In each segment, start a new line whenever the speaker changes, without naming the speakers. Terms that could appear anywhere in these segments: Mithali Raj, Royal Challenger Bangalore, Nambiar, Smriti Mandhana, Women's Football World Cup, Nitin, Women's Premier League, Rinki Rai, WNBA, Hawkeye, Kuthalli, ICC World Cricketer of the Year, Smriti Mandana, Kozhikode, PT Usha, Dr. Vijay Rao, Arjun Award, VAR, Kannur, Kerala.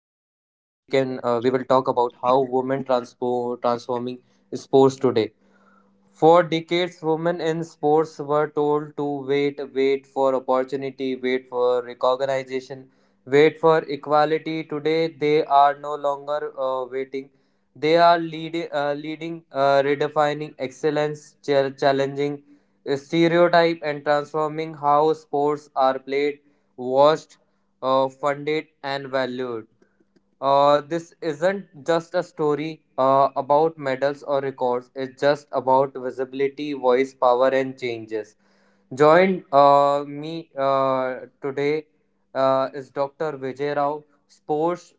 Can We will talk about how transforming sports today. For decades, women in sports were told to wait, wait for opportunity, wait for recognition, wait for equality. Today, they are no longer waiting. They are leading, redefining excellence, challenging stereotype, and transforming how sports are played, watched, funded, and valued. This isn't just a story about medals or records. It's just about visibility, voice, power, and changes. Join me today is Dr. Vijay Rao, sports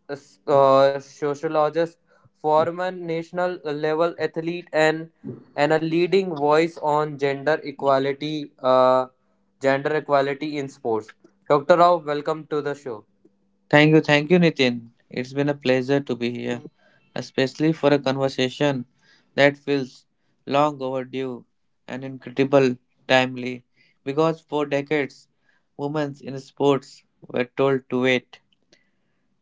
sociologist, former national level athlete, and a leading voice on gender equality in sports. Dr. Rao, welcome to the show.
Thank you, Nitin. It's been a pleasure to be here, especially for a conversation that feels long overdue and incredible timely. Because for decades, women in sports were told to wait,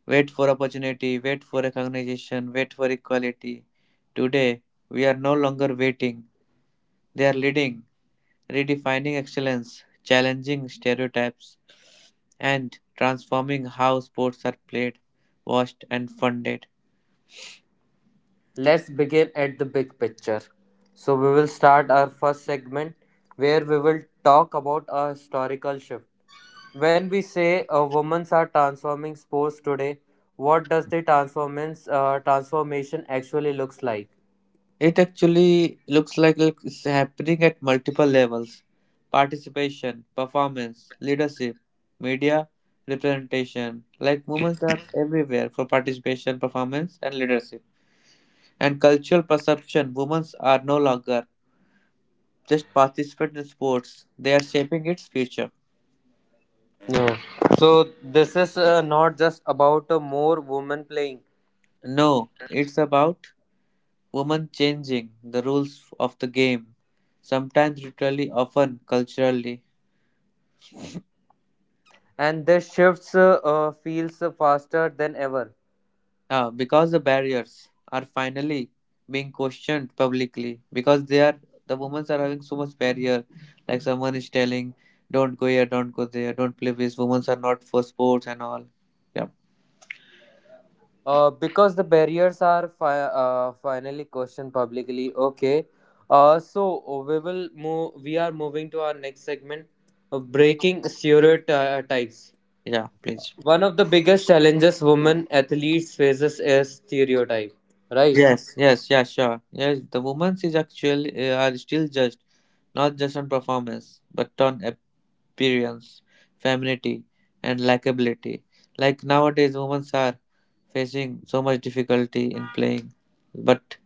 wait for opportunity, wait for recognition, wait for equality. Today, we are no longer waiting; they are leading. Redefining excellence, challenging stereotypes, and transforming how sports are played, watched, and funded.
Let's begin at the big picture. So, we will start our first segment where we will talk about a historical shift. When we say women are transforming sports today, what does the transformation actually looks like?
It actually looks like it's happening at multiple levels participation, performance, leadership, media, representation. Like women are everywhere for participation, performance, and leadership. And cultural perception women are no longer just participants in sports, they are shaping its future.
Yeah. So this is not just about more women playing,
No, it's about women changing the rules of the game, sometimes literally, often culturally.
and this shifts feels faster than ever.
Yeah, because the barriers are finally being questioned publicly because they are the women are having so much barrier. Like someone is telling, "Don't go here, don't go there, don't play with women are not for sports and all." Yeah,
Because the barriers are finally questioned publicly. Okay. We will move. We are moving to our next segment, breaking stereotypes.
yeah, please.
One of the biggest challenges women athletes faces is stereotype. Right.
Yes, yes, yeah, sure. Yes, the women is actually are still judged, not just on performance, but on appearance, femininity, and likability. Like nowadays, women are facing so much difficulty in playing, but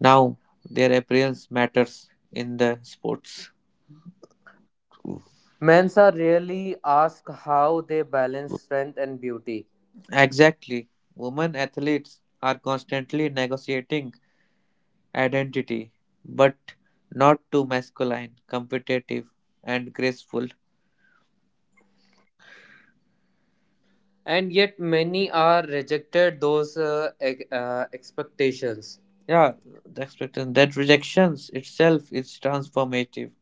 now their appearance matters in the sports.
Men's are rarely asked how they balance strength and beauty,
Exactly, women athletes are constantly negotiating identity, but not too masculine, competitive, and graceful.
and yet many are rejected those expectations.
Yeah, the expectation that rejections itself is transformative.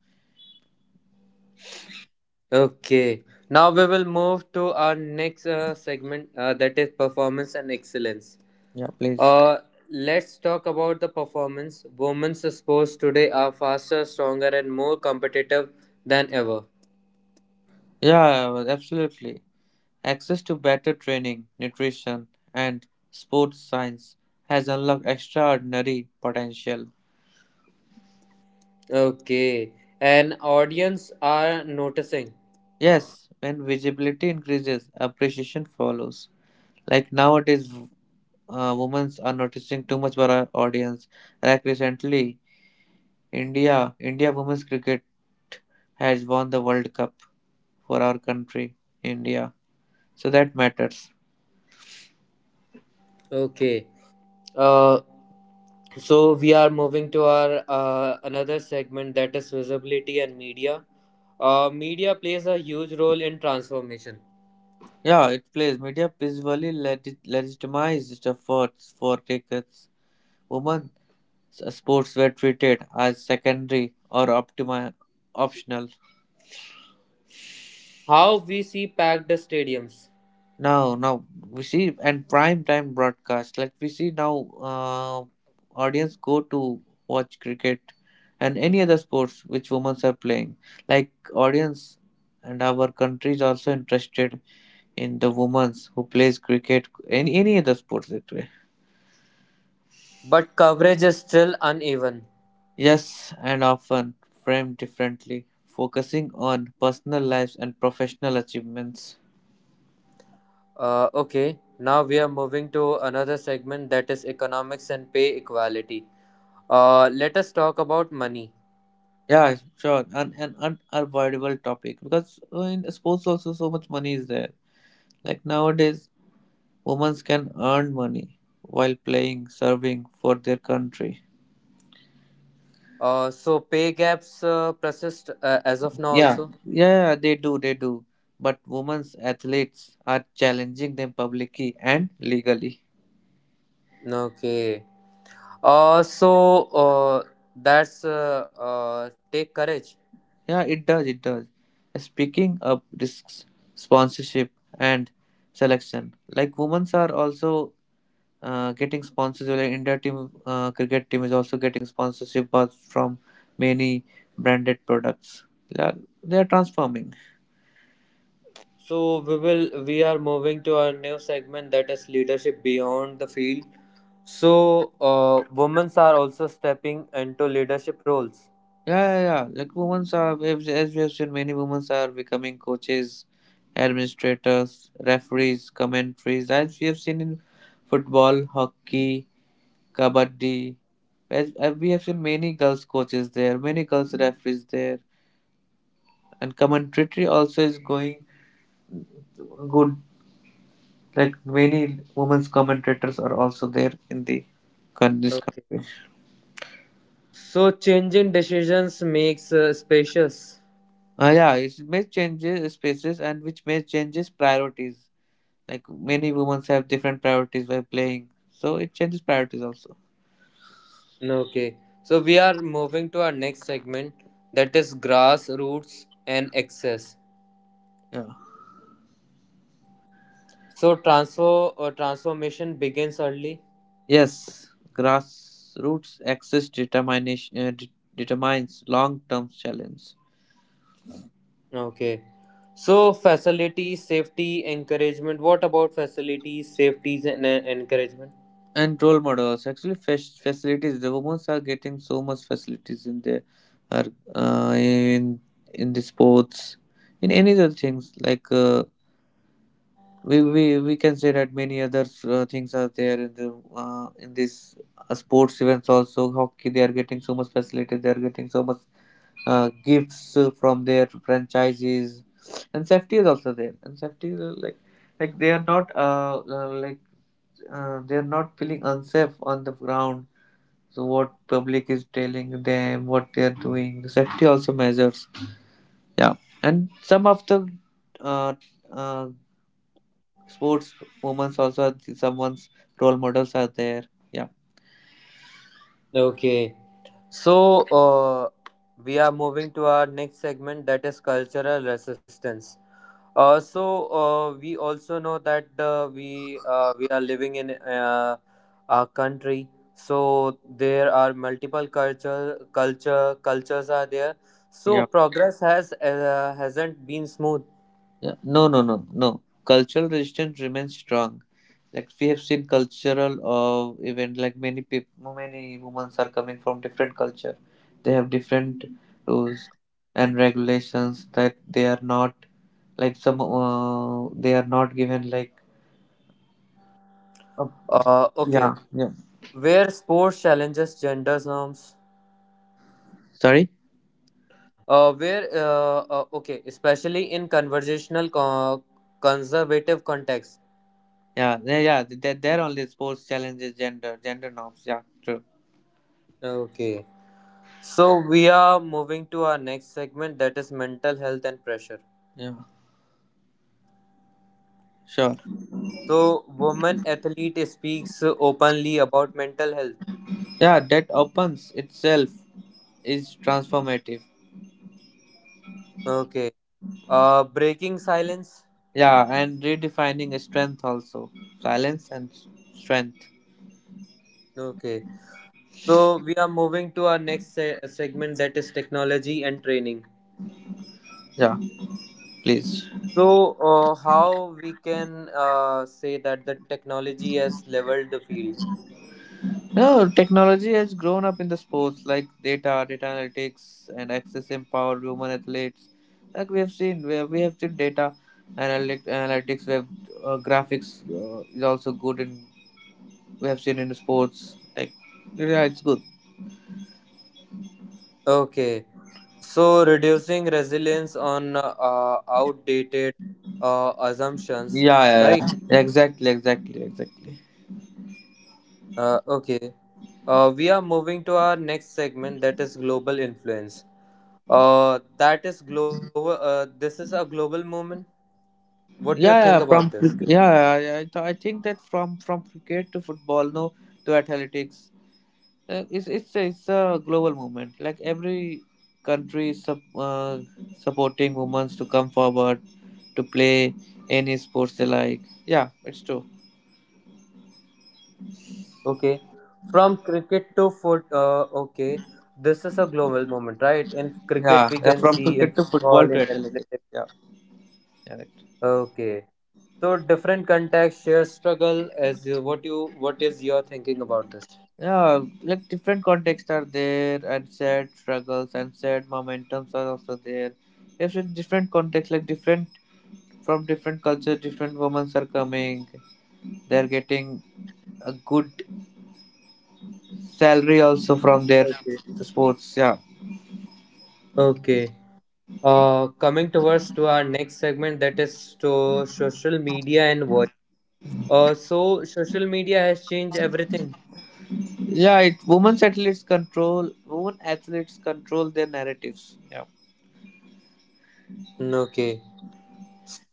Okay, now we will move to our next segment that is performance and excellence.
Yeah, please.
Uh, let's talk about the performance. Women's sports today are faster, stronger, and more competitive than ever.
Yeah, absolutely. Access to better training, nutrition, and sports science has unlocked extraordinary potential.
Okay, and audience are noticing.
Yes, when visibility increases, appreciation follows. Like nowadays, women are noticing too much for our audience. Like recently, India women's cricket has won the World Cup for our country, India. So that matters.
Okay, uh, so we are moving to our another segment that is visibility and media. Media plays a huge role in transformation.
Yeah, it plays. Media visually legitimized efforts for tickets. Women sports were treated as secondary or optional.
How we see packed stadiums.
Now we see and prime time broadcast like we see now audience go to watch cricket and any other sports which women are playing, like audience and our country is also interested in the women's who plays cricket, any other sports that way.
But coverage is still uneven.
Yes, and often framed differently, focusing on personal lives and professional achievements.
Okay, now we are moving to another segment that is economics and pay equality. Let us talk about money.
Yeah, sure. An unavoidable topic because in sports also so much money is there. Like nowadays, women can earn money while playing, serving for their country.
So pay gaps persist as of now
Yeah,
also.
yeah, yeah, they do, they do. But women's athletes are challenging them publicly and legally.
Okay. So that's take courage.
Yeah, it does, it does. Speaking of risks, sponsorship and selection, like women's are also getting sponsors. Well, India team, cricket team is also getting sponsorship but from many branded products. Yeah, they are transforming.
So we are moving to our new segment that is leadership beyond the field. So women are also stepping into leadership roles.
Yeah, yeah, yeah. Like women's are, as we have seen, many women's are becoming coaches, administrators, referees, commentaries. As we have seen in football, hockey, kabaddi. As we have seen many girls coaches there, many girls referees there, and commentary also is going good, like many women's commentators are also there in the con- this
Okay.
con-
So changing decisions makes spacious.
yeah, it may changes spaces, and which may changes priorities, like many women have different priorities while playing, so it changes priorities also.
Okay. So we are moving to our next segment that is grassroots and access.
Yeah,
So transfer transformation begins early.
yes, grassroots access determination determines long-term challenge
Okay. So facilities, safety, encouragement. What about facilities, safeties, and encouragement?
and role models. Actually, facilities, the women are getting so much facilities in their are uh, in in the sports, in any other things, like we can say that many other things are there in the in this sports events also. Hockey, they are getting so much facilities, they are getting so much gifts from their franchises, and safety is also there, and safety is like they are not like they're not feeling unsafe on the ground. So what public is telling them, what they are doing, the safety also measures. Yeah, and some of the uh, uh, sports women also someone's role models are there. Yeah,
Okay. So we are moving to our next segment that is cultural resistance. We also know that we are living in a country. So there are multiple cultures are there. So
yeah,
progress hasn't been smooth.
yeah. No, no, no, no. Cultural resistance remains strong. Like we have seen cultural event, like many people, many women are coming from different culture, they have different rules and regulations that they are not, like some they are not given, like uh,
Okay.
yeah, yeah.
Where sports challenges gender norms,
Sorry?
where okay, especially in conservative context.
Yeah, yeah, yeah, there are only sports challenges gender norms, yeah, true.
Okay. So we are moving to our next segment that is mental health and pressure.
Yeah, sure.
So woman athlete speaks openly about mental health.
Yeah, that opens itself is transformative.
Okay. Breaking silence.
Yeah, and redefining strength also, silence and strength.
Okay. So we are moving to our next segment that is technology and training.
Yeah, please.
So, how we can say that the technology has leveled the field?
No, technology has grown up in the sports like data analytics, and access empowered women athletes. Like we have seen data analytics. We have graphics is also good, and we have seen in the sports. Like yeah, it's good.
Okay, so reducing resilience on outdated assumptions,
Yeah, yeah,
right?
yeah. Exactly, exactly, exactly.
Okay, we are moving to our next segment that is global influence. That is global. This is a global movement. What do you think
Yeah,
about
yeah.
this?
From cric- yeah, yeah, yeah, I, th- I think that from cricket to football, no, to athletics, it's it's a global movement. Like every country is supporting women to come forward to play any sports they like. Yeah, it's true.
Okay, from cricket to foot. Okay, this is a global moment, right? In
Yeah,
cricket,
yeah,
we
from
can
cricket to
see in
football to
football, in
athletics. Yeah,
athletics.
correct.
Okay, so different context, share struggle. What is your thinking about this?
Yeah, like different contexts are there, and sad struggles and sad momentums are also there. If in different contexts, like different, from different cultures, different women are coming. They're getting a good salary also from
Okay.
their sports. Yeah,
Okay. Coming towards to our next segment, that is to social media and voice. So social media has changed everything.
yeah. It women athletes control their narratives. Yeah,
Okay.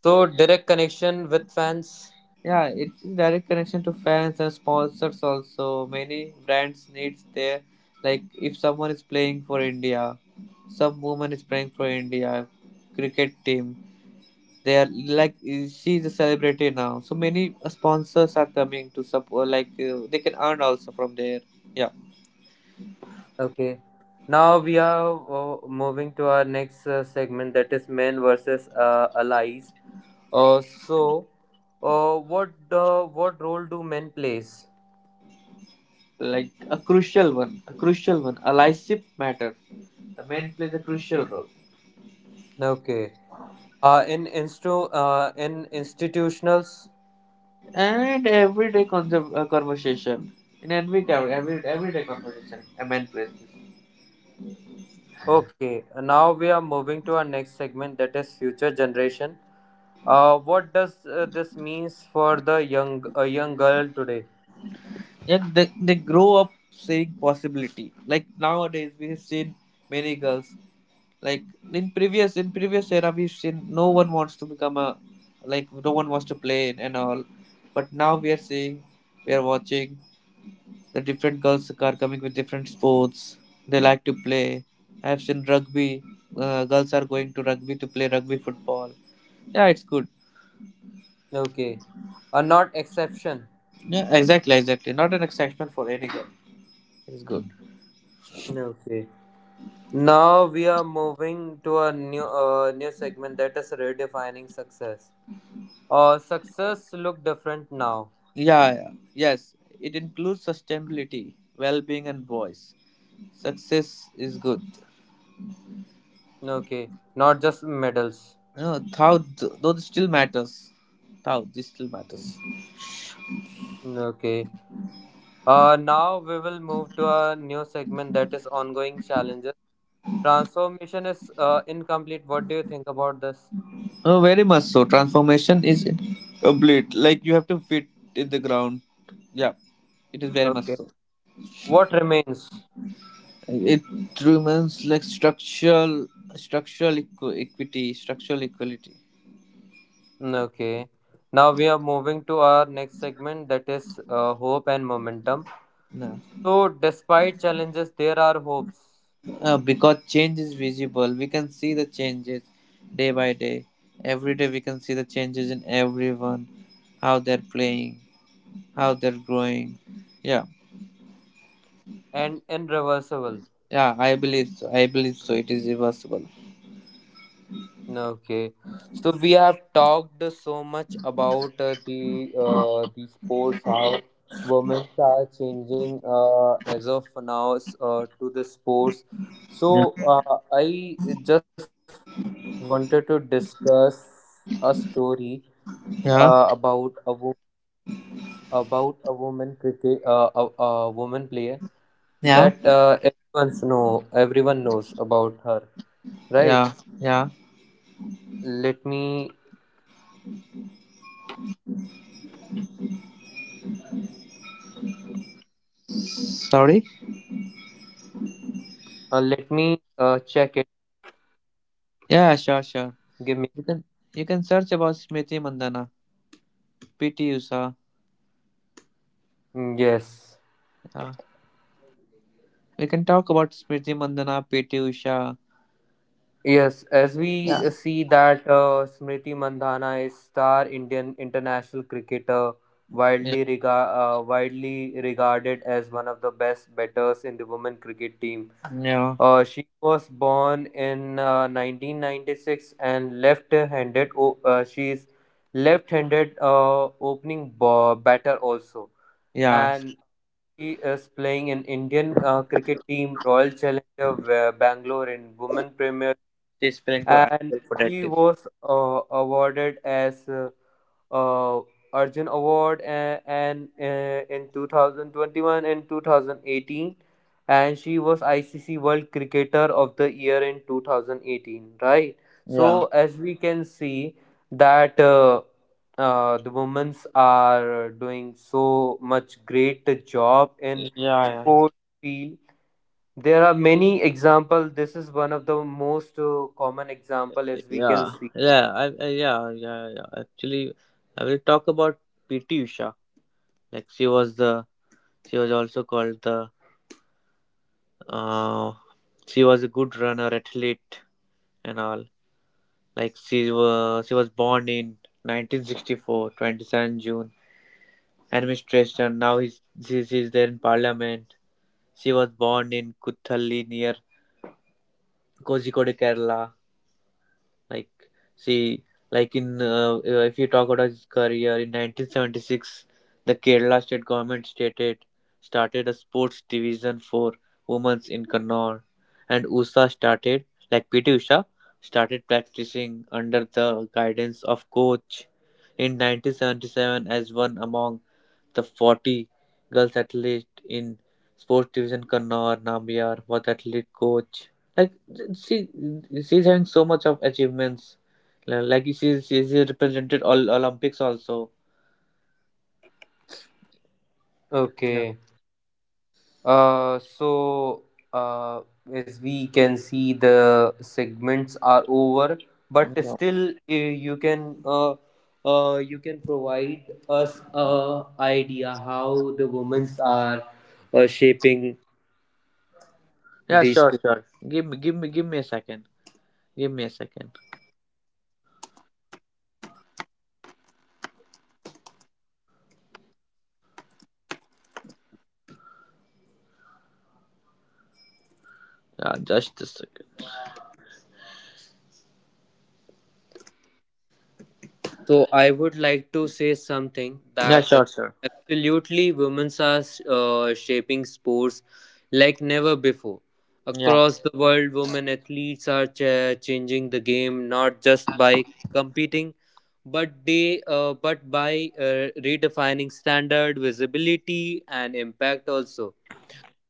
So direct connection with fans.
yeah. It's in direct connection to fans and sponsors also. Many brands needs their, like if someone is playing for India, some woman is playing for India cricket team. They are like she's a celebrity now, so many sponsors are coming to support. Like they can earn also from there. Yeah.
Okay. Now we are moving to our next segment that is men versus allies. Uh, so, what role do men plays?
Like a crucial one, a crucial one, a life matter. The man plays a crucial role.
Okay. In institutionals.
And everyday conversation, in every everyday conversation, a man plays this.
Okay. Now we are moving to our next segment that is future generation. What does this means for the young a young girl today?
Yeah, they grow up seeing possibility. Like nowadays, we have seen many girls. Like in previous era, we've seen no one wants to become a, like no one wants to play and all. But now we are seeing, we are watching the different girls are coming with different sports they like to play. I have seen rugby. Girls are going to rugby to play rugby football. Yeah, it's good.
Okay. A not exception.
Yeah, exactly, exactly. Not an excitement for any girl. It's good.
Okay. Now we are moving to a new segment that is redefining success. Success look different now.
Yeah, yeah. Yes. It includes sustainability, well-being, and voice. Success is good.
Okay, not just medals.
No, though this still matters. This still matters.
Okay. Now we will move to a new segment that is ongoing challenges. Transformation is incomplete. What do you think about this?
Oh, very much so. Transformation is complete. Like you have to fit in the ground. Yeah, it is very much
Okay.
so.
What remains?
It remains like structural, equity, structural equality.
Mm. Okay. Now we are moving to our next segment that is hope and momentum.
No,
So, despite challenges, there are hopes.
because change is visible. We can see the changes day by day. Every day we can see the changes in everyone, how they're playing, how they're growing. Yeah,
And irreversible.
yeah. I believe so. I believe so. It is reversible.
Okay, so we have talked so much about the sports, how women are changing as of now to the sports. So
Yeah.
uh, I just wanted to discuss a story about
Yeah.
about a woman cricket, a woman player that
Yeah.
everyone knows about her, right?
Yeah, yeah.
Let me
Sorry?
let me check it.
Yeah, sure,
Give
sure.
me.
You can you can search about Smriti Mandana, PT Usha.
Yes,
Yeah. We can talk about Smriti Mandana, PT Usha.
yes. As we
Yeah.
see that Smriti Mandhana is star Indian international cricketer,
Yeah.
widely rega- widely regarded as one of the best batters in the women cricket team.
Yeah.
She was born in 1996 and left-handed. She is left-handed opening batter also,
Yeah.
and she is playing in Indian cricket team Royal Bangalore in Women Premier,
She's playing for
and
ideal
he
protective.
was awarded as uh, Arjun Award and in 2021 and 2018, and she was ICC World Cricketer of the Year in 2018, right?
Yeah.
So as we can see that the women's are doing so much great job in
Yeah,
sport field. There are many example. This is one of the most common example as we can
yeah,
see.
yeah, yeah, yeah, yeah, yeah. Actually, I will talk about PT Usha. Like she was also called uh, she was a good runner, athlete, and all. Like she was born in 1964, 27 June. Administration. Now she's there in Parliament. She was born in Kuthalli near Kozhikode, Kerala. Like, see, like in if you talk about his career in 1976, the Kerala state government stated started a sports division for women's in Kannur, and Usha started, like PT Usha started practicing under the guidance of coach in 1977 as one among the 40 girls athlete in sports division, Kannur, Nambiar, was athlete coach. Like she, she's having so much of achievements. Like she's represented all Olympics also. Yeah,
Okay. Uh, so uh, as we can see, the segments are over, but
yeah,
still you can provide us a idea how the women's are shaping
yeah.
these.
Sure, sure. Give me a second. Give me a second. Yeah, just a second.
So I would like to say something
Yeah,
that
sure, sure.
absolutely women are shaping sports like never before.
Yeah,
Across the world, women athletes are changing the game not just by competing, but by redefining standard, visibility, and impact also.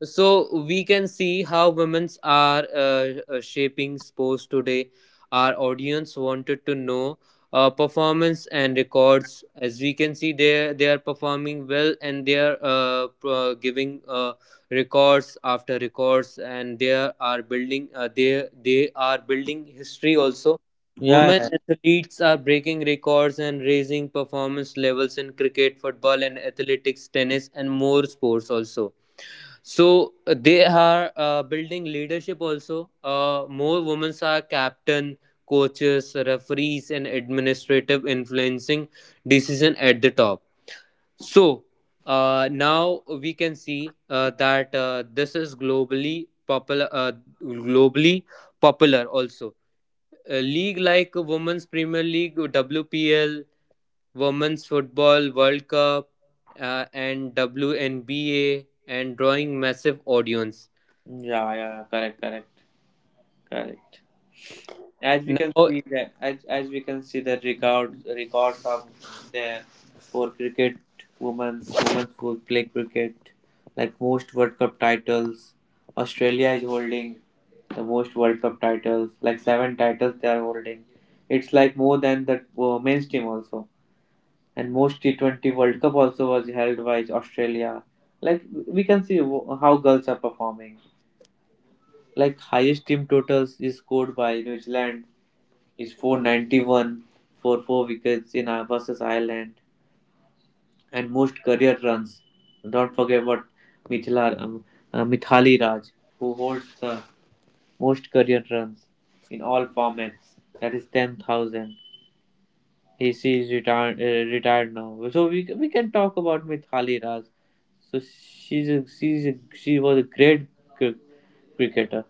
So we can see how women's are shaping sports today. Our audience wanted to know performance and records. As we can see, they are performing well and they are giving records after records, and they are building. They are building history also.
yeah, yeah, yeah.
Women athletes are breaking records and raising performance levels in cricket, football, and athletics, tennis, and more sports also. So they are building leadership also. More women are captain, coaches, referees, and administrative influencing decision at the top. So now we can see that this is globally popular. Globally popular also. A league like Women's Premier League, WPL, Women's Football World Cup, and WNBA and drawing massive audience.
Yeah, yeah, correct, correct, correct. As we
Now,
can see that, as we can see the record records of the, for cricket, women women who play cricket, like most World Cup titles. Australia is holding the most World Cup titles, like seven titles they are holding. It's like more than the men's team also. And most T20 World Cup also was held by Australia. Like we can see how girls are performing. Like highest team totals is scored by New Zealand is 491 for 4 wickets in versus Ireland, and most career runs. Don't forget about Mithila, um, Mithali Raj, who holds the most career runs in all formats. That is 10,000. He is retired, retired now. So we can talk about Mithali Raj. So she was a great cr- cricketer.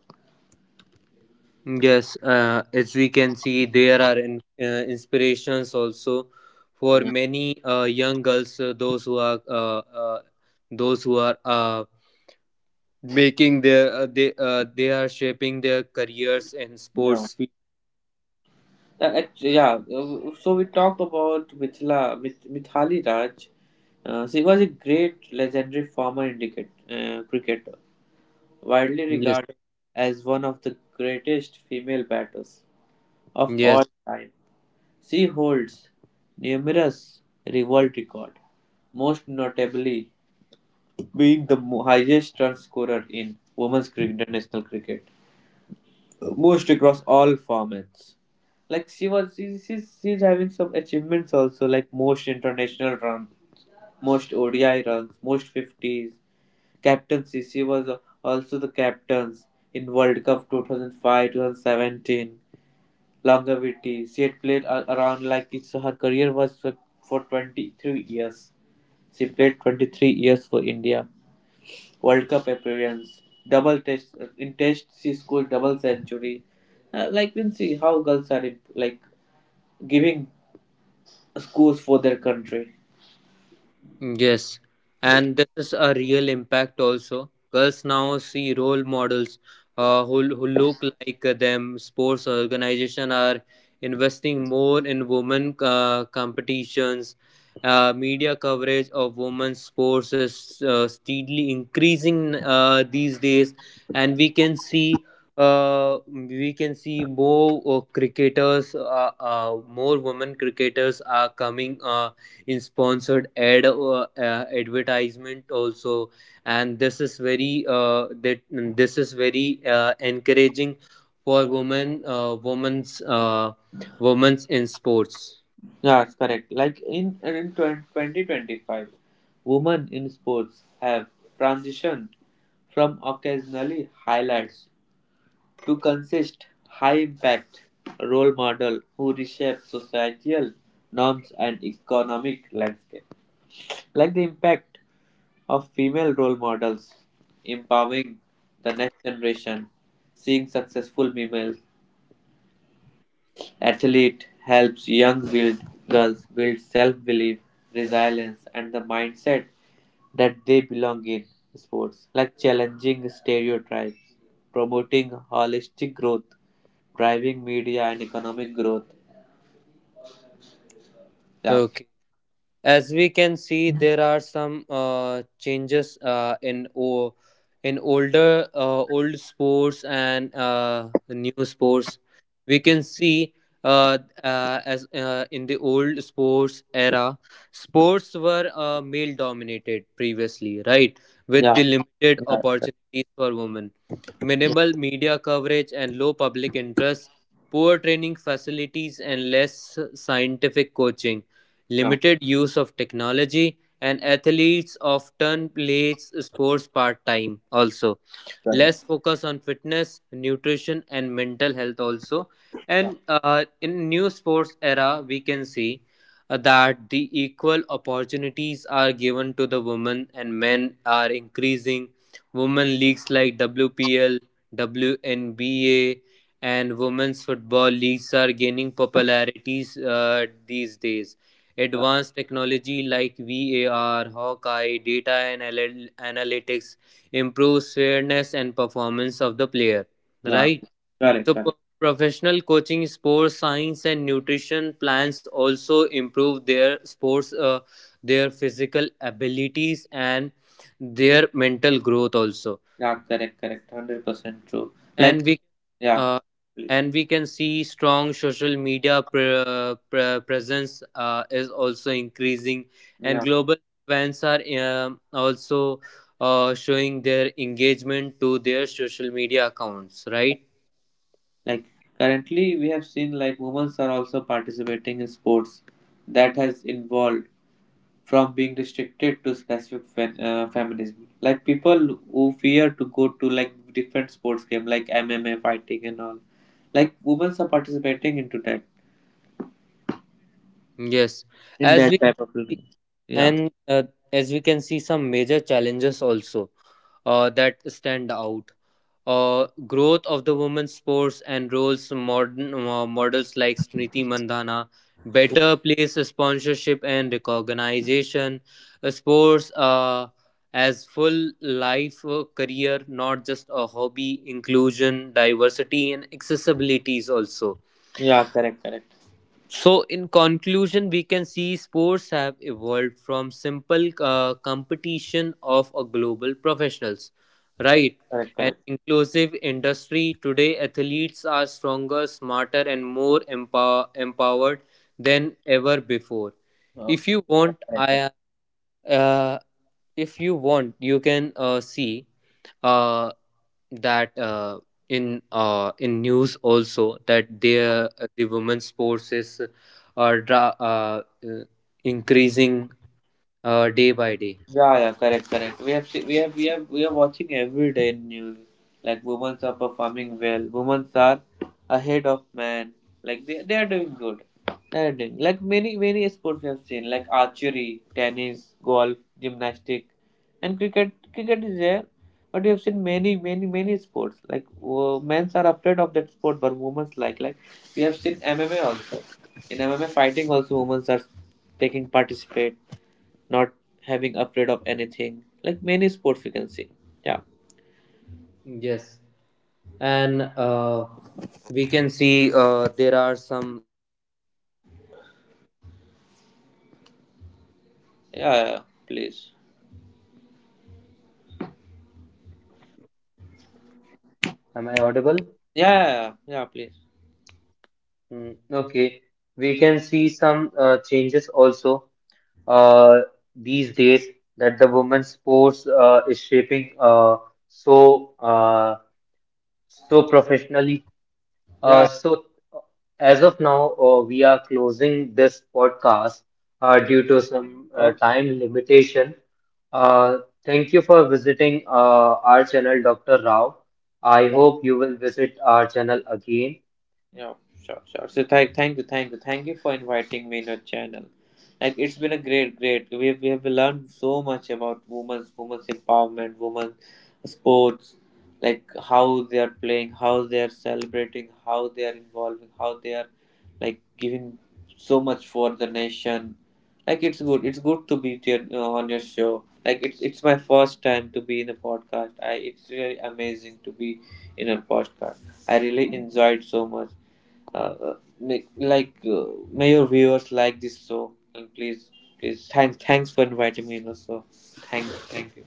yes, as we can see, there are inspirations also for
Yeah.
many young girls, uh, those who are making their they are shaping their careers in
Yeah.
sports field.
So we talked about Mithali Raj. She was a great legendary former cricketer, widely
Yes,
regarded as one of the greatest female batters of
yes.
all time. She holds numerous revolt records, most notably being the highest run scorer in women's international cricket. Most across all formats. Like she's having some achievements also, like most international runs, most ODI runs, most fifties, captaincy. She was also the captains in World Cup 2005, 2017. Longevity. She had played a- around like it's her career was for 23 years. She played 23 years for India. World Cup appearance, double test in Test she scored double century. Like we see how girls are in, like giving scores for their country.
Yes, and this is a real impact also. Girls now see role models who look like them. Sports organization are investing more in women competitions. Media coverage of women's sports is steadily increasing these days, and we can see more cricketers, more women cricketers are coming. In sponsored ad advertisement also, and this is very encouraging for women's in sports.
Yeah, that's correct. Like in 2025, women in sports have transitioned from occasionally highlights to consist high impact role model who reshape societal norms and economic landscape. Like the impact of female role models empowering the next generation. Seeing successful female athlete helps young build girls build self-belief, resilience, and the mindset that they belong in sports, like challenging stereotypes, promoting holistic growth, driving media and economic growth. Yeah,
Okay. As we can see, there are some changes in old sports and new sports. We can see as in the old sports era, sports were male dominated previously, right? With the
yeah,
limited opportunities for women, minimal media coverage and low public interest, poor training facilities, and less scientific coaching,
yeah,
limited use of technology, and athletes often play sports part time also, less
correct.
focus on fitness nutrition and mental health also.
Yeah,
And uh, in new sports era we can see that the equal opportunities are given to the women and men are increasing. Women leagues like WPL, WNBA, and women's football leagues are gaining popularities these days.
yeah,
Advanced technology like VAR, hawkeye, data, and analytics improves fairness and performance of the player,
yeah,
right?
correct,
So,
correct.
professional coaching, sports science, and nutrition plans also improve their sports, their physical abilities, and their mental growth also,
Yeah, correct, correct, 100% true. Like,
and
yeah,
uh,
please,
we can see strong social media presence is also increasing, and
yeah.
global fans are also showing their engagement to their social media accounts, right.
Like currently, we have seen like women are also participating in sports that has involved from being restricted to specific feminism. Like people who fear to go to like different sports game like MMA fighting and all. Like women are participating into that
Yes.
in
as we
that type of. Yeah.
And uh, as we can see, some major challenges also that stand out. Growth of the women's sports and roles modern models like Smriti Mandhana, better place sponsorship and recognition, sports as full life career, not just a hobby, inclusion, diversity, and accessibilities also.
Yeah. Correct. Correct.
So, in conclusion, we can see sports have evolved from simple competition of a global professionals, right?
Correct.
An
Correct.
inclusive industry today, athletes are stronger, smarter, and more empowered than ever before. If
Okay.
you
Correct,
want,
correct.
I uh, if you want, you can see uh, that. In news also that the women's sports are dra- uh, uh, increasing day by day.
Yeah, yeah, correct, correct. We have, we are watching every day in news. Like women are performing well. Women are ahead of men. Like they are doing good. They are doing like many sports we have seen like archery, tennis, golf, gymnastic, and cricket. Cricket is there, but we have seen many sports. Like men's are afraid of that sport, but women's like we have seen MMA also. In MMA fighting also, women are taking participate not having afraid of anything like many sports we can see. Yeah,
Yes, and we can see there are some...
yeah, yeah, yeah. Please,
Am I audible?
yeah, yeah, yeah, yeah, please,
Mm, okay. We can see some changes also uh, these days that the women's sports is shaping so uh, so professionally.
yeah,
Uh,
yeah.
so uh, as of now, we are closing this podcast
Yeah.
due to some
Okay.
time limitation. Uh, thank you for visiting our channel, Dr. Rao. I hope you will visit our channel again.
Yeah, sure, sure. So thank you for inviting me in your channel. Like it's been a great. We have learned so much about women's empowerment, women sports, like how they are playing, how they are celebrating, how they are involving, how they are like giving so much for the nation. Like it's good to be there on your show. Like it's my first time to be in a podcast. I it's really amazing to be in a podcast. I really enjoyed so much make, like may your viewers like this show and please thanks for inviting me in the show. thank you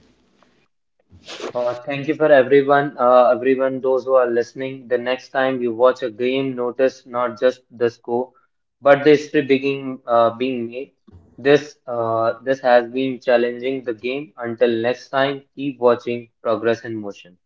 Thank you for everyone, everyone, those who are listening. The next time you watch a game, notice not just the score, but the history being made. This has been challenging the game. Until next time, keep watching Progress in Motion.